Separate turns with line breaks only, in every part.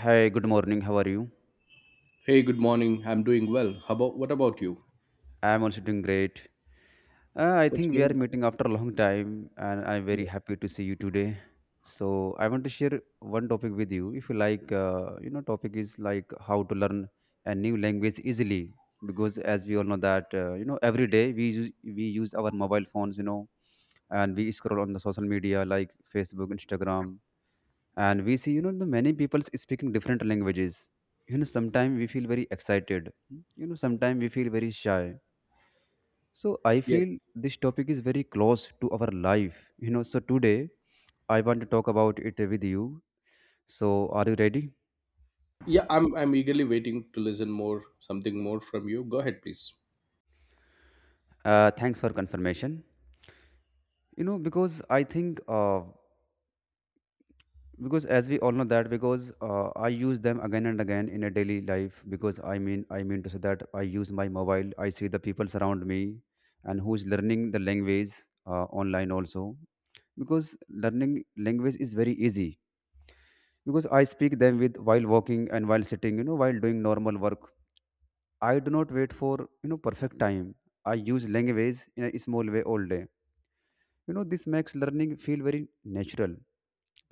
Hi, good morning. How are you?
Hey, good morning. I'm doing well. How about what about you?
I'm also doing great. I
What's
think we are
going on?
meeting after a long time, and I'm very
Yeah.
happy to see you today. So I want to share one topic with you. If you like, topic is like how to learn a new language easily. Because as we all know that, every day we use our mobile phones, and we scroll on the social media like Facebook, Instagram, and we see the many people speaking different languages. Sometimes we feel very excited, sometimes we feel very shy. So I
Yes.
feel this topic is very close to our life, so today I want to talk about it with you. So are you ready?
Yeah, I'm eagerly waiting to listen more something more from you. Go ahead, please.
Thanks for confirmation. Because I think, because as we all know that, because I use them again and again in a daily life, because i mean to say that I use my mobile, I see the people around me and who's learning the language, online also. Because learning language is very easy, because I speak them with while walking and while sitting, while doing normal work. I do not wait for perfect time. I use language in a small way all day. This makes learning feel very natural,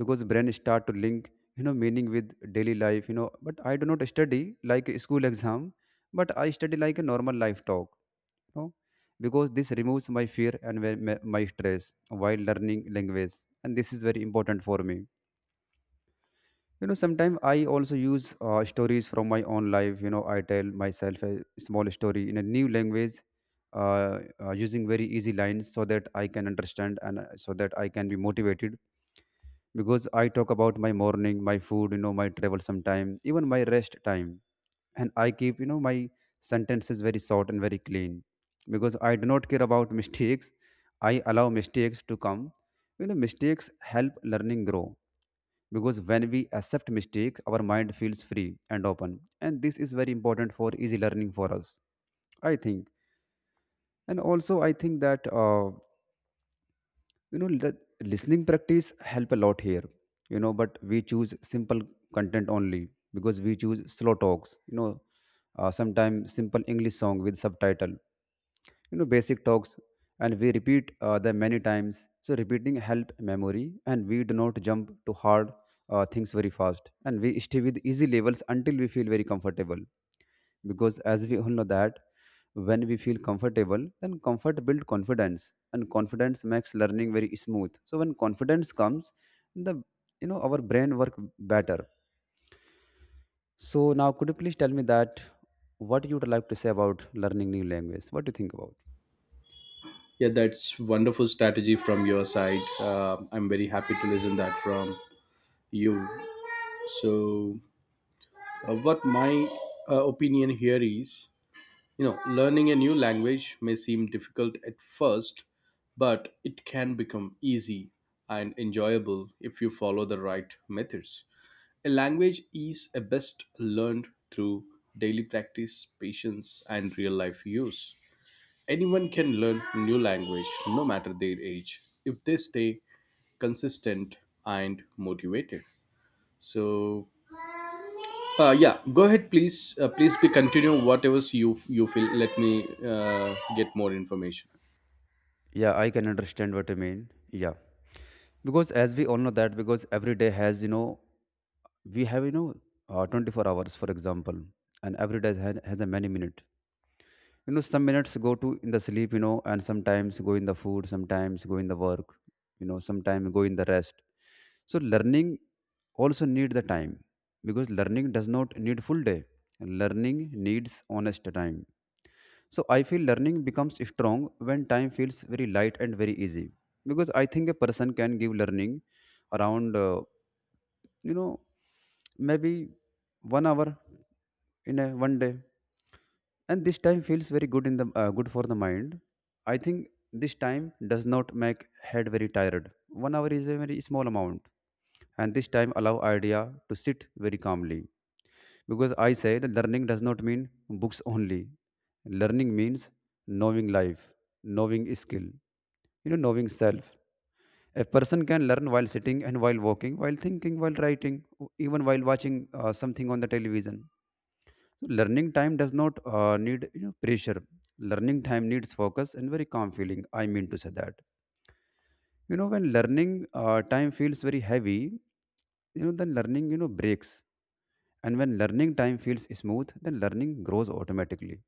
because brain start to link, meaning with daily life. But I do not study like a school exam, but I study like a normal life talk, you know because this removes my fear and my stress while learning language, and this is very important for me. Sometimes I also use stories from my own life. I tell myself a small story in a new language, using very easy lines so that I can understand, and so that I can be motivated. Because I talk about my morning, my food, my travel sometime, even my rest time. And I keep, my sentences very short and very clean, because I do not care about mistakes. I allow mistakes to come. You know, mistakes help learning grow, because when we accept mistakes, our mind feels free and open. And this is very important for easy learning for us, I think. And also, I think that, the listening practice help a lot here. But we choose simple content only, because we choose slow talks, sometimes simple english song with subtitle, basic talks, and we repeat them many times. So repeating help memory, and we do not jump to hard things very fast, and we stay with easy levels until we feel very comfortable. Because as we all know that, when we feel comfortable, then comfort builds confidence, and confidence makes learning very smooth. So when confidence comes, the our brain work better. So now could you please tell me that what you would like to say about learning new language? What do you think about?
Yeah, that's wonderful strategy from your side. I'm very happy to listen that from you. So, what my opinion here is, you know, learning a new language may seem difficult at first, but it can become easy and enjoyable if you follow the right methods. A language is a best learned through daily practice, patience, and real life use. Anyone can learn new language no matter their age if they stay consistent and motivated. So, yeah, go ahead, please. Please be continue whatever you feel. Let me get more information.
Yeah, I can understand what you mean. Yeah, because as we all know that, because every day has, we have, 24 hours for example. And every day has a many minute. Some minutes go to in the sleep, and sometimes go in the food, sometimes go in the work, sometimes go in the rest. So learning also need the time, because learning does not need full day. Learning needs honest time. So I feel learning becomes strong when time feels very light and very easy, because I think a person can give learning around you know maybe 1 hour in a one day, and this time feels very good in the good for the mind, I think. This time does not make head very tired. 1 hour is a very small amount, and this time allow idea to sit very calmly. Because I say that learning does not mean books only. Learning means knowing life, knowing skill, knowing self. A person can learn while sitting and while walking, while thinking, while writing, even while watching something on the television. So learning time does not need, pressure. Learning time needs focus and very calm feeling. I mean to say that. You know, when learning time feels very heavy, then learning, breaks. And when learning time feels smooth, then learning grows automatically.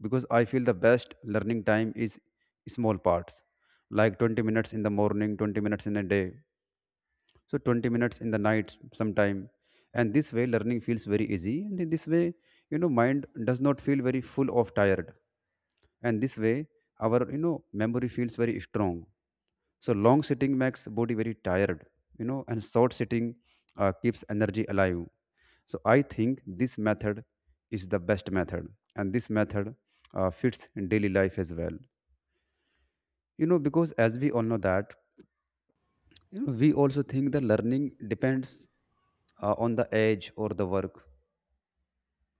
Because I feel the best learning time is small parts, like 20 minutes in the morning, 20 minutes in a day, so 20 minutes in the night sometime. And this way learning feels very easy, and in this way, mind does not feel very full of tired. And this way our, memory feels very strong. So long sitting makes body very tired, and short sitting keeps energy alive. So I think this method is the best method, and this method fits in daily life as well. Because as we all know that, we also think that learning depends on the age or the work.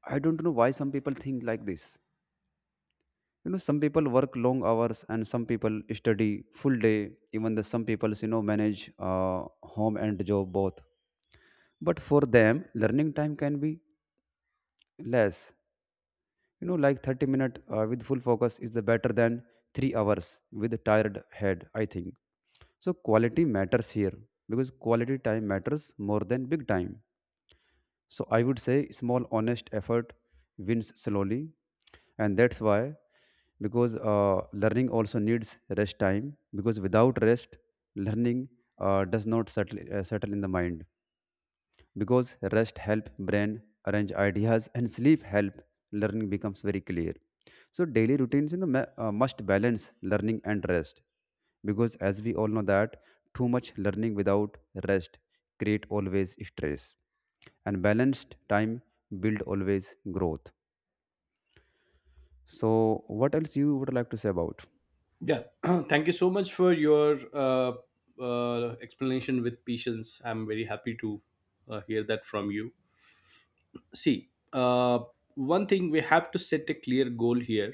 I don't know why some people think like this. Some people work long hours, and some people study full day. Even the some people manage uh, home and job both. But for them learning time can be less, like 30 minute with full focus is the better than 3 hours with a tired head, I think. So quality matters here, because quality time matters more than big time. So I would say small, honest effort wins slowly, and that's why, because learning also needs rest time, because without rest, learning does not settle in the mind. Because rest help brain arrange ideas, and sleep help learning becomes very clear. So daily routines, must balance learning and rest. Because as we all know that, too much learning without rest create always stress, and balanced time build always growth. So what else you would like to say about?
Yeah, thank you so much for your explanation with patience. I'm very happy to hear that from you. See, one thing we have to set a clear goal here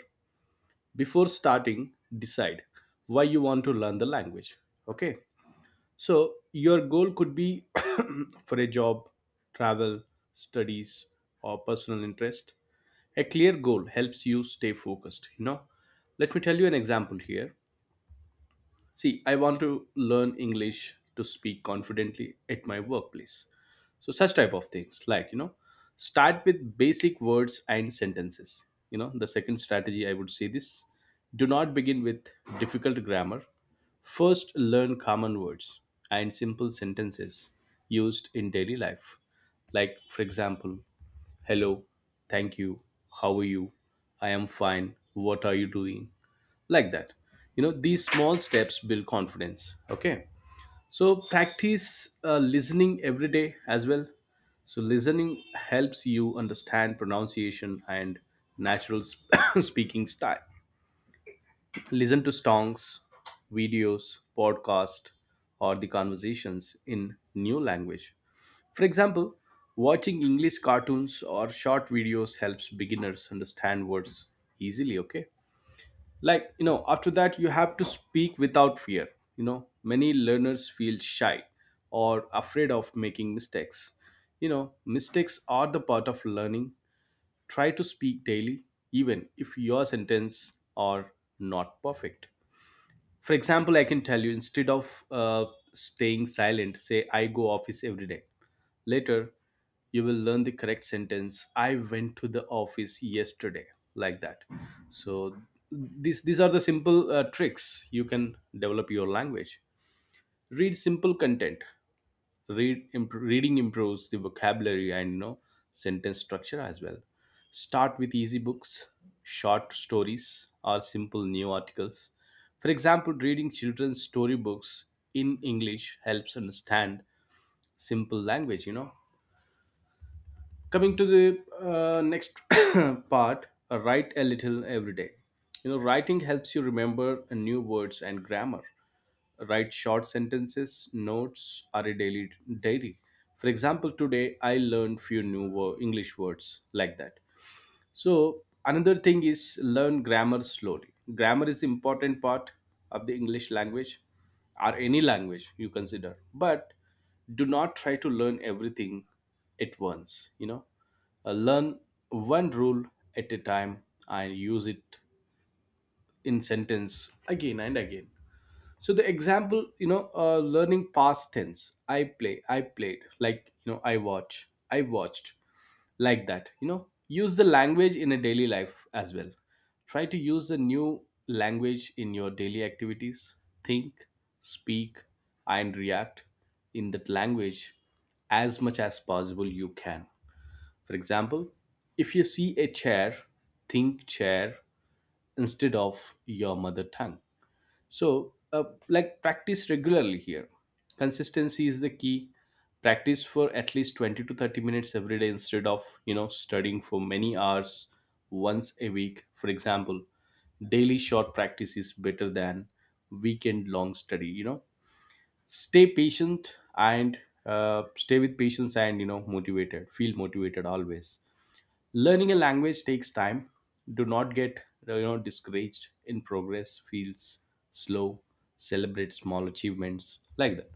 before starting. Decide why you want to learn the language. Okay, so your goal could be for a job, travel, studies, or personal interest. A clear goal helps you stay focused, you know. Let me tell you an example here. See, I want to learn English to speak confidently at my workplace. So such type of things like, you know, start with basic words and sentences. You know, the second strategy I would say this, do not begin with difficult grammar. First learn common words and simple sentences used in daily life. Like, for example, hello, thank you, how are you? I am fine, what are you doing? Like that, you know, these small steps build confidence. Okay, so practice listening every day as well. So listening helps you understand pronunciation and natural speaking style. Listen to songs, videos, podcast, or the conversations in new language. For example, watching English cartoons or short videos helps beginners understand words easily. Okay, like, you know, after that you have to speak without fear. You know, many learners feel shy or afraid of making mistakes. You know, mistakes are the part of learning. Try to speak daily, even if your sentence are not perfect. For example, I can tell you, instead of staying silent, say I go office every day. Later, you will learn the correct sentence, I went to the office yesterday, like that. So these are the simple tricks you can develop your language. Read simple content. Reading improves the vocabulary and, you know, sentence structure as well. Start with easy books, short stories, or simple new articles. For example, reading children's storybooks in English helps understand simple language, you know. Coming to the next part, write a little every day. You know, writing helps you remember new words and grammar. Write short sentences, notes are a daily diary. For example, today I learned few English words, like that. So another thing is learn grammar slowly. Grammar is important part of the English language or any language you consider. But do not try to learn everything at once, you know. Learn one rule at a time and use it in sentence again and again. So the example, you know, learning past tense, I play, I played, like, you know, I watch, I watched, like that, you know. Use the language in a daily life as well. Try to use the new language in your daily activities. Think, speak, and react in that language as much as possible you can. For example, if you see a chair, think chair instead of your mother tongue. So, like, practice regularly here. Consistency is the key. Practice for at least 20 to 30 minutes every day instead of, you know, studying for many hours once a week. For example, daily short practice is better than weekend long study, you know. Stay patient and stay with patience and, you know, motivated. Feel motivated always. Learning a language takes time. Do not get, you know, discouraged in progress feels slow. Celebrate small achievements, like that.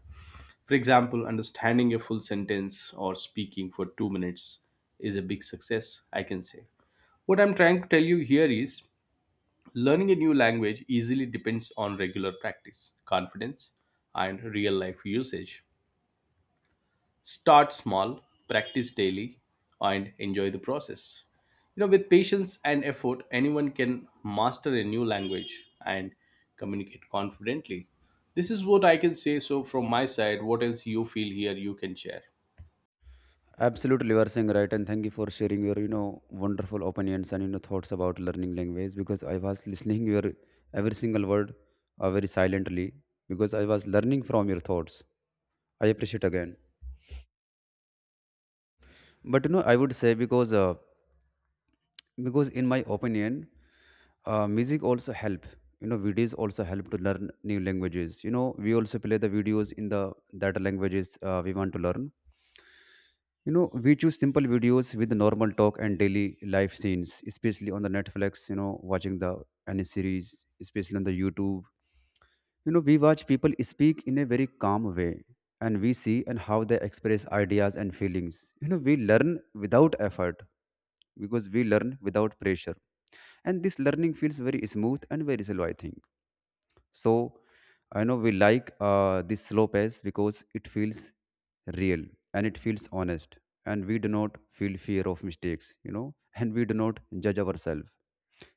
For example, understanding a full sentence or speaking for 2 minutes is a big success, I can say. What I'm trying to tell you here is, learning a new language easily depends on regular practice, confidence, and real life usage. Start small, practice daily, and enjoy the process. You know, with patience and effort, anyone can master a new language and communicate confidently. This is what I can say. So, from my side, what else you feel here, you can share.
Absolutely, you are saying right, and thank you for sharing your, wonderful opinions, and thoughts about learning language. Because I was listening your every single word very silently, because I was learning from your thoughts. I appreciate again, but I would say, because in my opinion, music also help. You know, videos also help to learn new languages. You know, we also play the videos in the that languages we want to learn. You know, we choose simple videos with normal talk and daily life scenes, especially on the Netflix, you know, watching the any series, especially on the YouTube. You know, we watch people speak in a very calm way, and we see and how they express ideas and feelings. You know, we learn without effort, because we learn without pressure. And this learning feels very smooth and very slow, I think. So I know we like this slow pace because it feels real and it feels honest, and we do not feel fear of mistakes, you know, and we do not judge ourselves,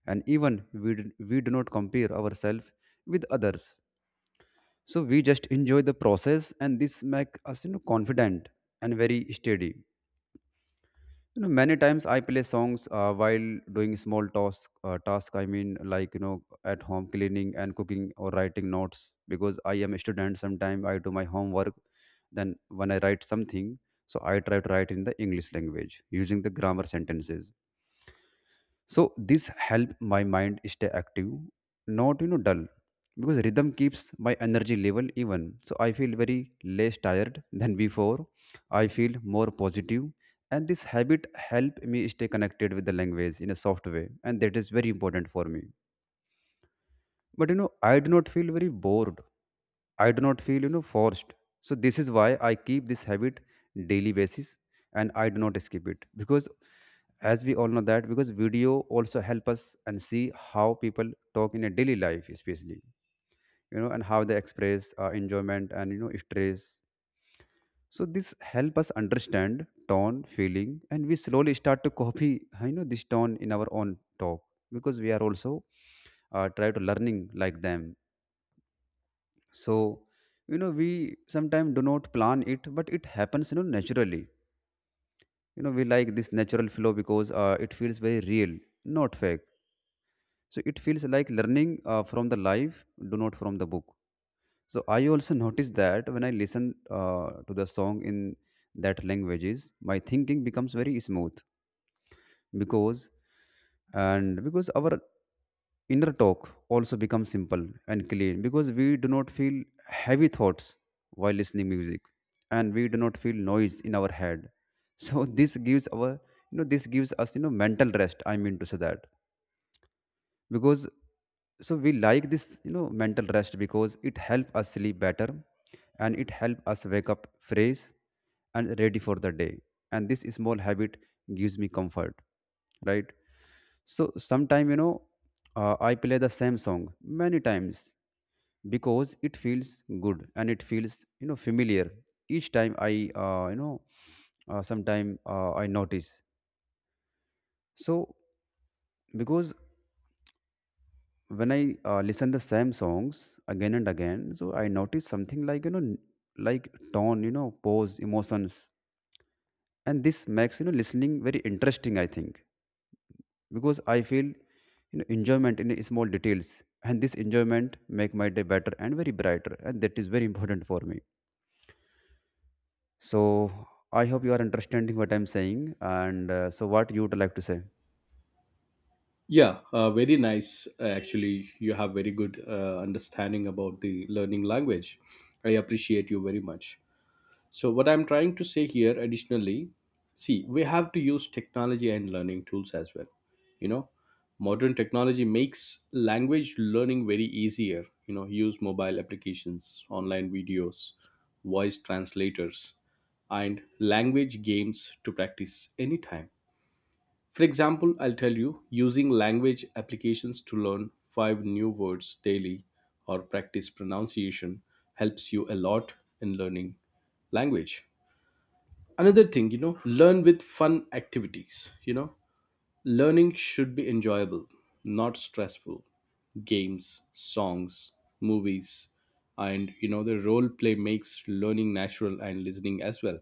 and even we do not compare ourselves with others. So we just enjoy the process, and this makes us, confident and very steady. Many times I play songs while doing small task I mean, like, at home, cleaning and cooking or writing notes. Because I am a student, sometimes I do my homework. Then when I write something, so I try to write in the english language using the grammar sentences. So this help my mind stay active, not, dull, because rhythm keeps my energy level even. So I feel very less tired than before. I feel more positive, and this habit help me stay connected with the language in a soft way, and that is very important for me. But I do not feel very bored. I do not feel, you know, forced. So this is why I keep this habit daily basis, and I do not skip it because as we all know that because video also help us and see how people talk in a daily life, especially and how they express enjoyment and stress. So this help us understand tone feeling, and we slowly start to copy this tone in our own talk because we are also try to learning like them. So we sometimes do not plan it, but it happens naturally. You know we like this natural flow because it feels very real, not fake. So it feels like learning from the life, do not from the book. So I also notice that when I listen to the song in that languages, my thinking becomes very smooth because and because our inner talk also becomes simple and clean because we do not feel heavy thoughts while listening music, and we do not feel noise in our head. So this gives our this gives us mental rest, I mean to say that. Because so we like this mental rest because it helps us sleep better, and it helps us wake up fresh and ready for the day. And this small habit gives me comfort, right? So sometime I play the same song many times because it feels good and it feels familiar. Each time I sometime I notice. So because when I listen the same songs again and again, so I notice something like, like tone, pose, emotions, and this makes listening very interesting, I think, because I feel enjoyment in small details, and this enjoyment make my day better and very brighter, and that is very important for me. So I hope you are understanding what I'm saying, and so what you would like to say?
Yeah, very nice. Actually, you have very good understanding about the learning language. I appreciate you very much. So, what I'm trying to say here additionally, see, we have to use technology and learning tools as well. You know, modern technology makes language learning very easier. You know, use mobile applications, online videos, voice translators, and language games to practice anytime. For example, I'll tell you, using language applications to learn five new words daily or practice pronunciation helps you a lot in learning language. Another thing, you know, learn with fun activities. You know, learning should be enjoyable, not stressful. Games, songs, movies, and, you know, the role play makes learning natural and listening as well.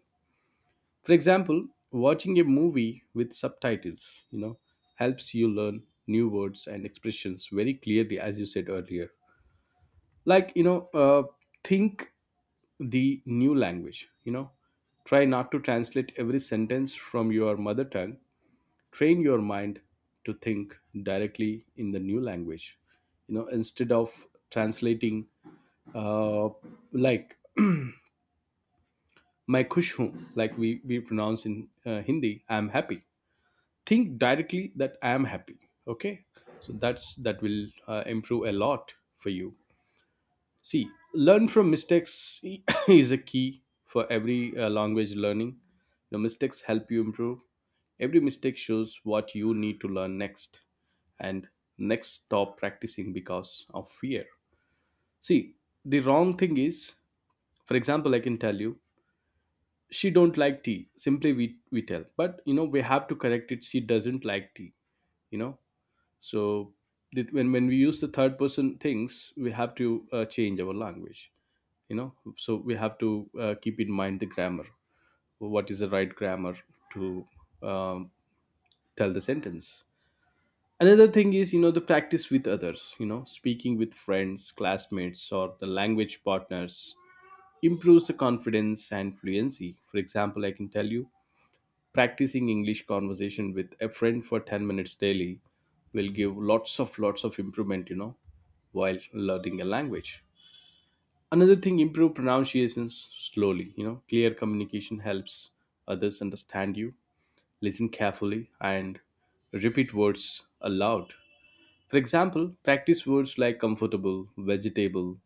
For example, watching a movie with subtitles, you know, helps you learn new words and expressions very clearly, as you said earlier. Like, you know, think the new language. You know, try not to translate every sentence from your mother tongue. Train your mind to think directly in the new language. You know, instead of translating, uh, like, my kush hoon," like we pronounce in Hindi, I'm happy, think directly that I am happy. Okay, so that's that will improve a lot for you. See, learn from mistakes is a key for every language learning. The mistakes help you improve. Every mistake shows what you need to learn next. And next, stop practicing because of fear. See, the wrong thing is, for example, I can tell you, she don't like tea. Simply we tell. But, you know, we have to correct it. She doesn't like tea, you know. So the, when we use the third person things, we have to change our language, you know. So we have to keep in mind the grammar, what is the right grammar to um, tell the sentence. Another thing is, you know, the practice with others. You know, speaking with friends, classmates, or the language partners improves the confidence and fluency. For example, I can tell you, practicing English conversation with a friend for 10 minutes daily will give lots of improvement, you know, while learning a language. Another thing, improve pronunciations slowly. You know, clear communication helps others understand you. Listen carefully and repeat words aloud. For example, practice words like comfortable, vegetable,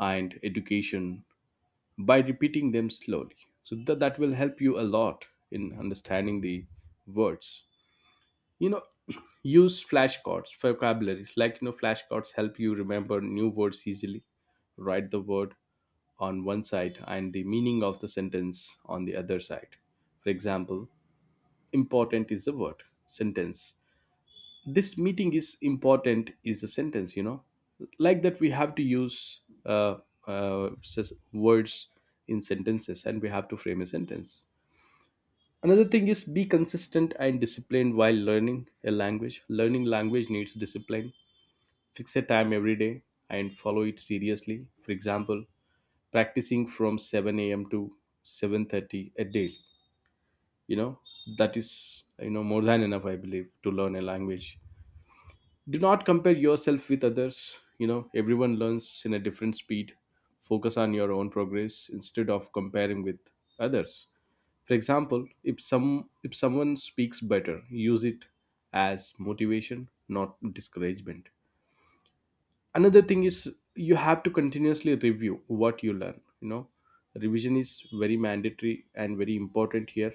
and education by repeating them slowly. So that will help you a lot in understanding the words, you know. Use flashcards vocabulary. Like, you know, flashcards help you remember new words easily. Write the word on one side and the meaning of the sentence on the other side. For example, important is the word sentence, this meeting is important is the sentence, you know. Like that, we have to use words in sentences, and we have to frame a sentence. Another thing is, be consistent and disciplined while learning a language. Learning language needs discipline. Fix a time every day and follow it seriously. For example, practicing from 7 a.m. to 7:30 a day. You know, that is, you know, more than enough, I believe, to learn a language. Do not compare yourself with others. You know, everyone learns in a different speed. Focus on your own progress instead of comparing with others. For example, if someone speaks better, use it as motivation, not discouragement. Another thing is, you have to continuously review what you learn, you know. Revision is very mandatory and very important here.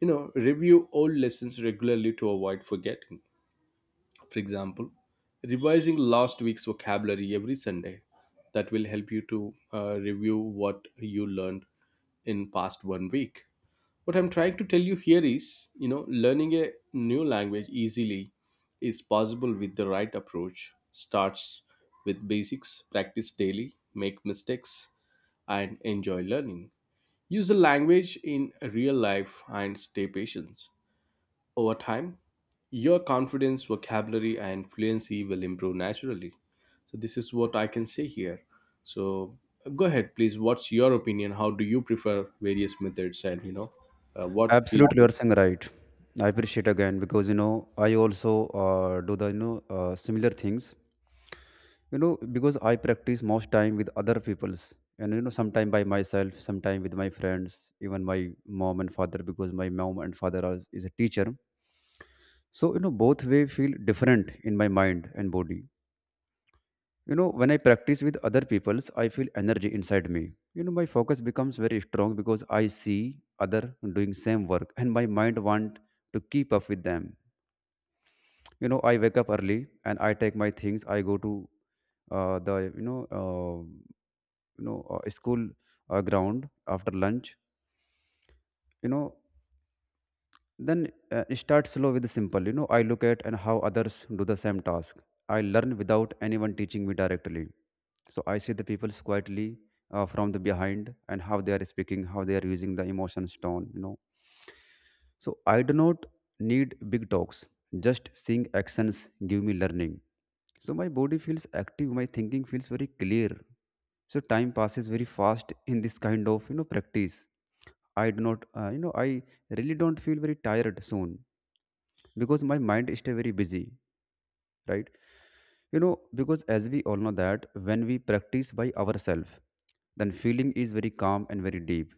You know, review all lessons regularly to avoid forgetting. For example, revising last week's vocabulary every Sunday. That will help you to review what you learned in past 1 week. What I'm trying to tell you here is, you know, learning a new language easily is possible with the right approach. Starts with basics, practice daily, make mistakes, and enjoy learning. Use the language in real life and stay patient. Over time, your confidence, vocabulary, and fluency will improve naturally. So, this is what I can say here. So, go ahead, please. What's your opinion? How do you prefer various methods? And, you know, what field?
Absolutely, you are saying right. I appreciate again because I also do the similar things. You know, because I practice most time with other people's and sometime by myself, sometime with my friends, even my mom and father, because my mom and father is a teacher. So, you know, both way feel different in my mind and body. You know, when I practice with other people's, I feel energy inside me. You know, my focus becomes very strong because I see other doing same work, and my mind want to keep up with them. You know, I wake up early and I take my things. I go to the school ground after lunch. You know, then start slow with the simple. You know, I look at and how others do the same task. I learn without anyone teaching me directly. So I see the people quietly from the behind, and how they are speaking, how they are using the emotions tone, you know. So I do not need big talks. Just seeing actions give me learning. So my body feels active, my thinking feels very clear. So time passes very fast in this kind of practice. I do not you know I really don't feel very tired soon because my mind is very busy, right? You know, because as we all know that when we practice by ourselves, then feeling is very calm and very deep,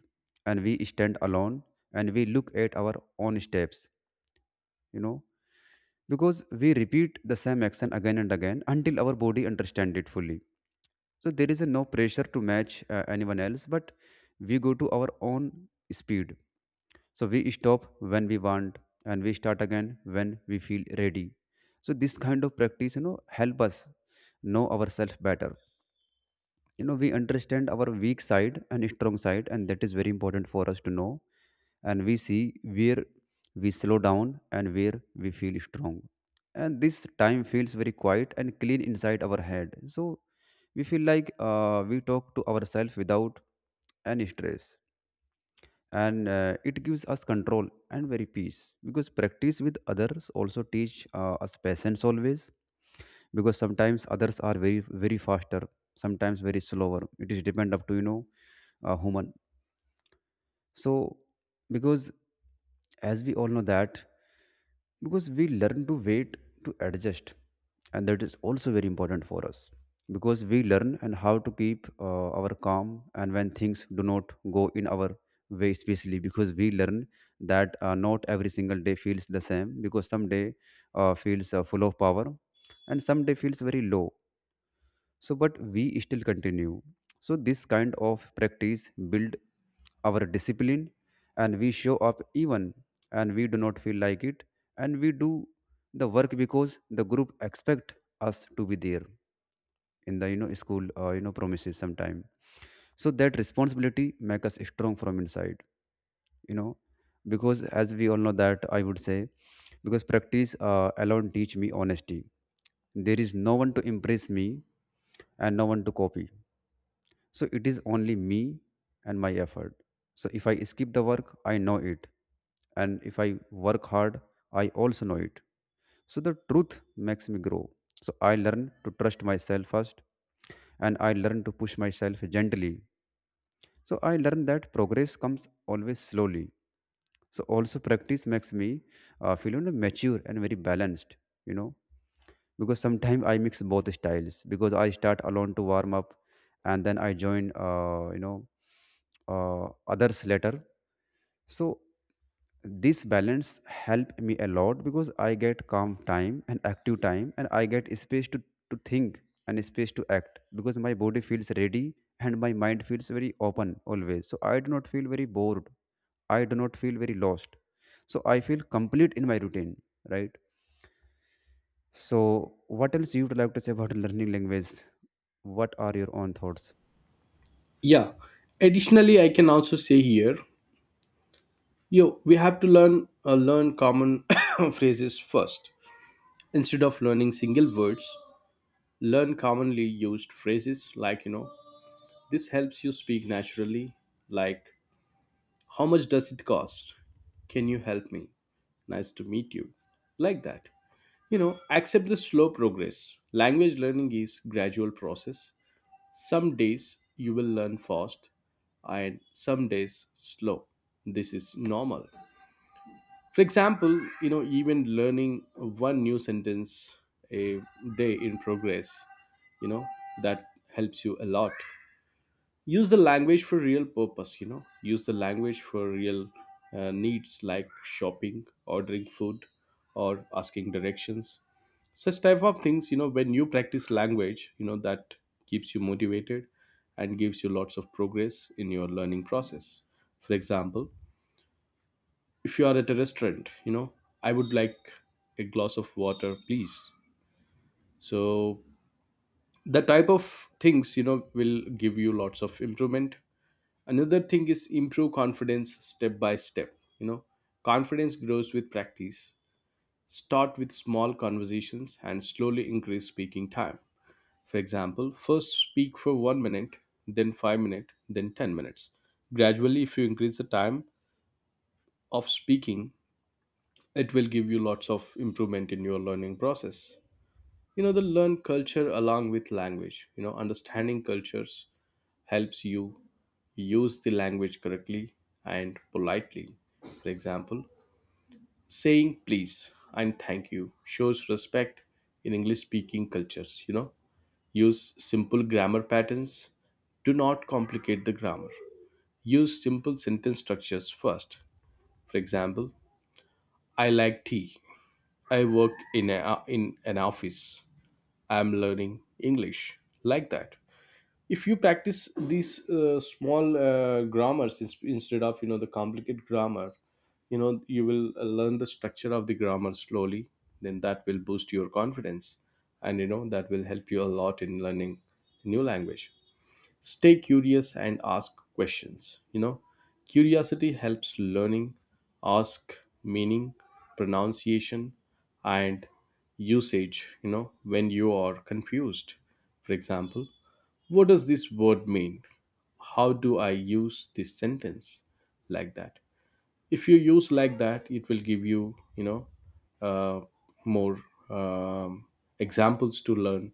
and we stand alone, and we look at our own steps, you know, because we repeat the same action again and again until our body understand it fully. So there is a no pressure to match anyone else, but we go to our own speed. So we stop when we want, and we start again when we feel ready. So this kind of practice, you know, help us know ourselves better. You know, we understand our weak side and strong side, and that is very important for us to know. And we see where we slow down and where we feel strong. And this time feels very quiet and clean inside our head. So we feel like we talk to ourselves without any stress, and it gives us control and very peace because practice with others also teach us patience always, because sometimes others are very faster, sometimes very slower. It is depend up to, you know, a human. So, because as we all know that, because we learn to wait, to adjust, and that is also very important for us, because we learn and how to keep our calm and when things do not go in our way, especially because we learn that not every single day feels the same, because some day feels full of power, and some day feels very low. So but we still continue. So this kind of practice build our discipline, and we show up even and we do not feel like it, and we do the work because the group expect us to be there in the school promises sometime. So that responsibility make us strong from inside, you know. Because as we all know that, I would say, because practice alone teach me honesty. There is no one to impress me and no one to copy. So it is only me and my effort. So if I skip the work, I know it. And if I work hard, I also know it. So the truth makes me grow. So I learn to trust myself first, and I learn to push myself gently. So I learn that progress comes always slowly. So also practice makes me feel, you know, mature and very balanced, you know, because sometimes I mix both styles, because I start alone to warm up, and then I join uh, others later. So this balance help me a lot because I get calm time and active time, and I get space to think, and space to act, because my body feels ready and my mind feels very open always. So I do not feel very bored, I do not feel very lost. So I feel complete in my routine, right? So, what else you would like to say about learning language? What are your own thoughts?
Yeah. Additionally, I can also say here, yo, we have to learn common phrases first instead of learning single words. Learn commonly used phrases, like. This helps you speak naturally. Like, how much does it cost? Can you help me? Nice to meet you. Like that. You know, accept the slow progress. Language learning is gradual process. Some days you will learn fast and some days slow. This is normal. For example, you know, even learning one new sentence a day in progress, you know, that helps you a lot. Use the language for real purpose. You know, use the language for real needs like shopping, ordering food, or asking directions, such type of things. You know, when you practice language, you know, that keeps you motivated and gives you lots of progress in your learning process. For example, if you are at a restaurant, you know, I would like a glass of water, please. So the type of things, you know, will give you lots of improvement. Another thing is improve confidence step by step, you know. Confidence grows with practice. Start with small conversations and slowly increase speaking time. For example, first speak for 1 minute, then 5 minutes, then 10 minutes. Gradually, if you increase the time of speaking, it will give you lots of improvement in your learning process. You know, the learn culture along with language. You know, understanding cultures helps you use the language correctly and politely. For example, saying please and thank you shows respect in English speaking cultures, you know. Use simple grammar patterns. Do not complicate the grammar. Use simple sentence structures first. For example, I like tea. I work in, a, in an office. I'm learning English. Like that. If you practice these small grammars instead of, you know, the complicated grammar, you know, you will learn the structure of the grammar slowly. Then that will boost your confidence, and you know that will help you a lot in learning new language. Stay curious and ask questions, you know. Curiosity helps learning. Ask meaning, pronunciation, and usage, you know, when you are confused. For example, what does this word mean? How do I use this sentence? Like that. If you use like that, it will give you, you know, uh, more um, examples to learn,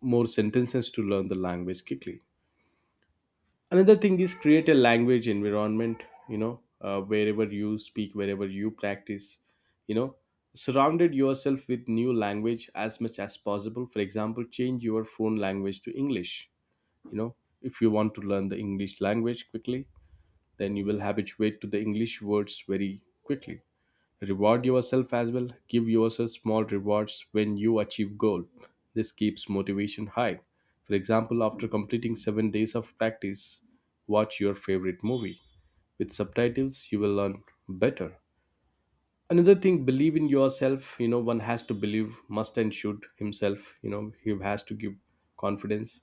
more sentences to learn the language quickly. Another thing is create a language environment. You know, wherever you speak, wherever you practice, you know, surrounded yourself with new language as much as possible. For example, change your phone language to English. You know, if you want to learn the English language quickly, then you will habituate to the English words very quickly. Reward yourself as well. Give yourself small rewards when you achieve goal. This keeps motivation high. For example, after completing 7 days of practice, watch your favorite movie. With subtitles, you will learn better. Another thing, believe in yourself. You know, one has to believe, must and should himself. You know, he has to give confidence.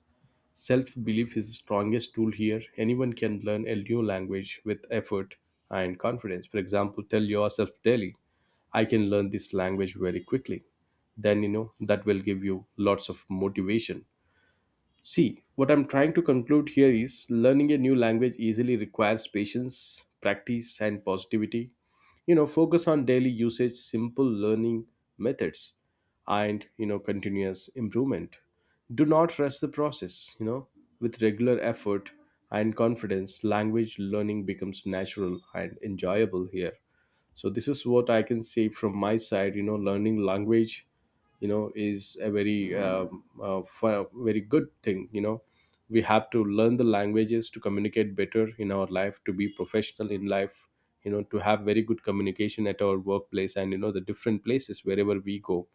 Self belief is the strongest tool here. Anyone can learn a new language with effort and confidence. For example, tell yourself daily, I can learn this language very quickly. Then, you know, that will give you lots of motivation. See, what I'm trying to conclude here is learning a new language easily requires patience, practice, and positivity. You know, focus on daily usage, simple learning methods, and you know, continuous improvement. Do not rush the process. You know, with regular effort and confidence, language learning becomes natural and enjoyable here. So this is what I can say from my side. You know, learning language, you know, is a very very good thing. You know, we have to learn the languages to communicate better in our life, to be professional in life, you know, to have very good communication at our workplace, and you know, the different places wherever we go.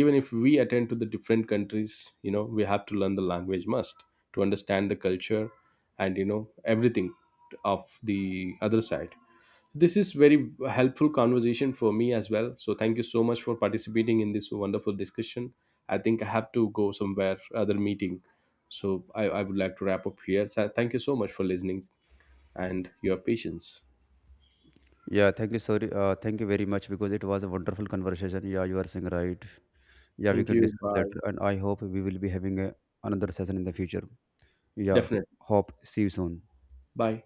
Even if we attend to the different countries, you know, we have to learn the language must, to understand the culture, and you know, everything of the other side. This is very helpful conversation for me as well. So thank you so much for participating in this wonderful discussion. I think I have to go somewhere, other meeting. So I would like to wrap up here. So thank you so much for listening and your patience.
Yeah, thank you. Sorry, thank you very much, because it was a wonderful conversation. Yeah, you are saying right. Yeah, we
Thank
can
you.
discuss
Bye.
later, and I hope we will be having a, another session in the future. Yeah,
Definitely.
hope see you soon.
Bye.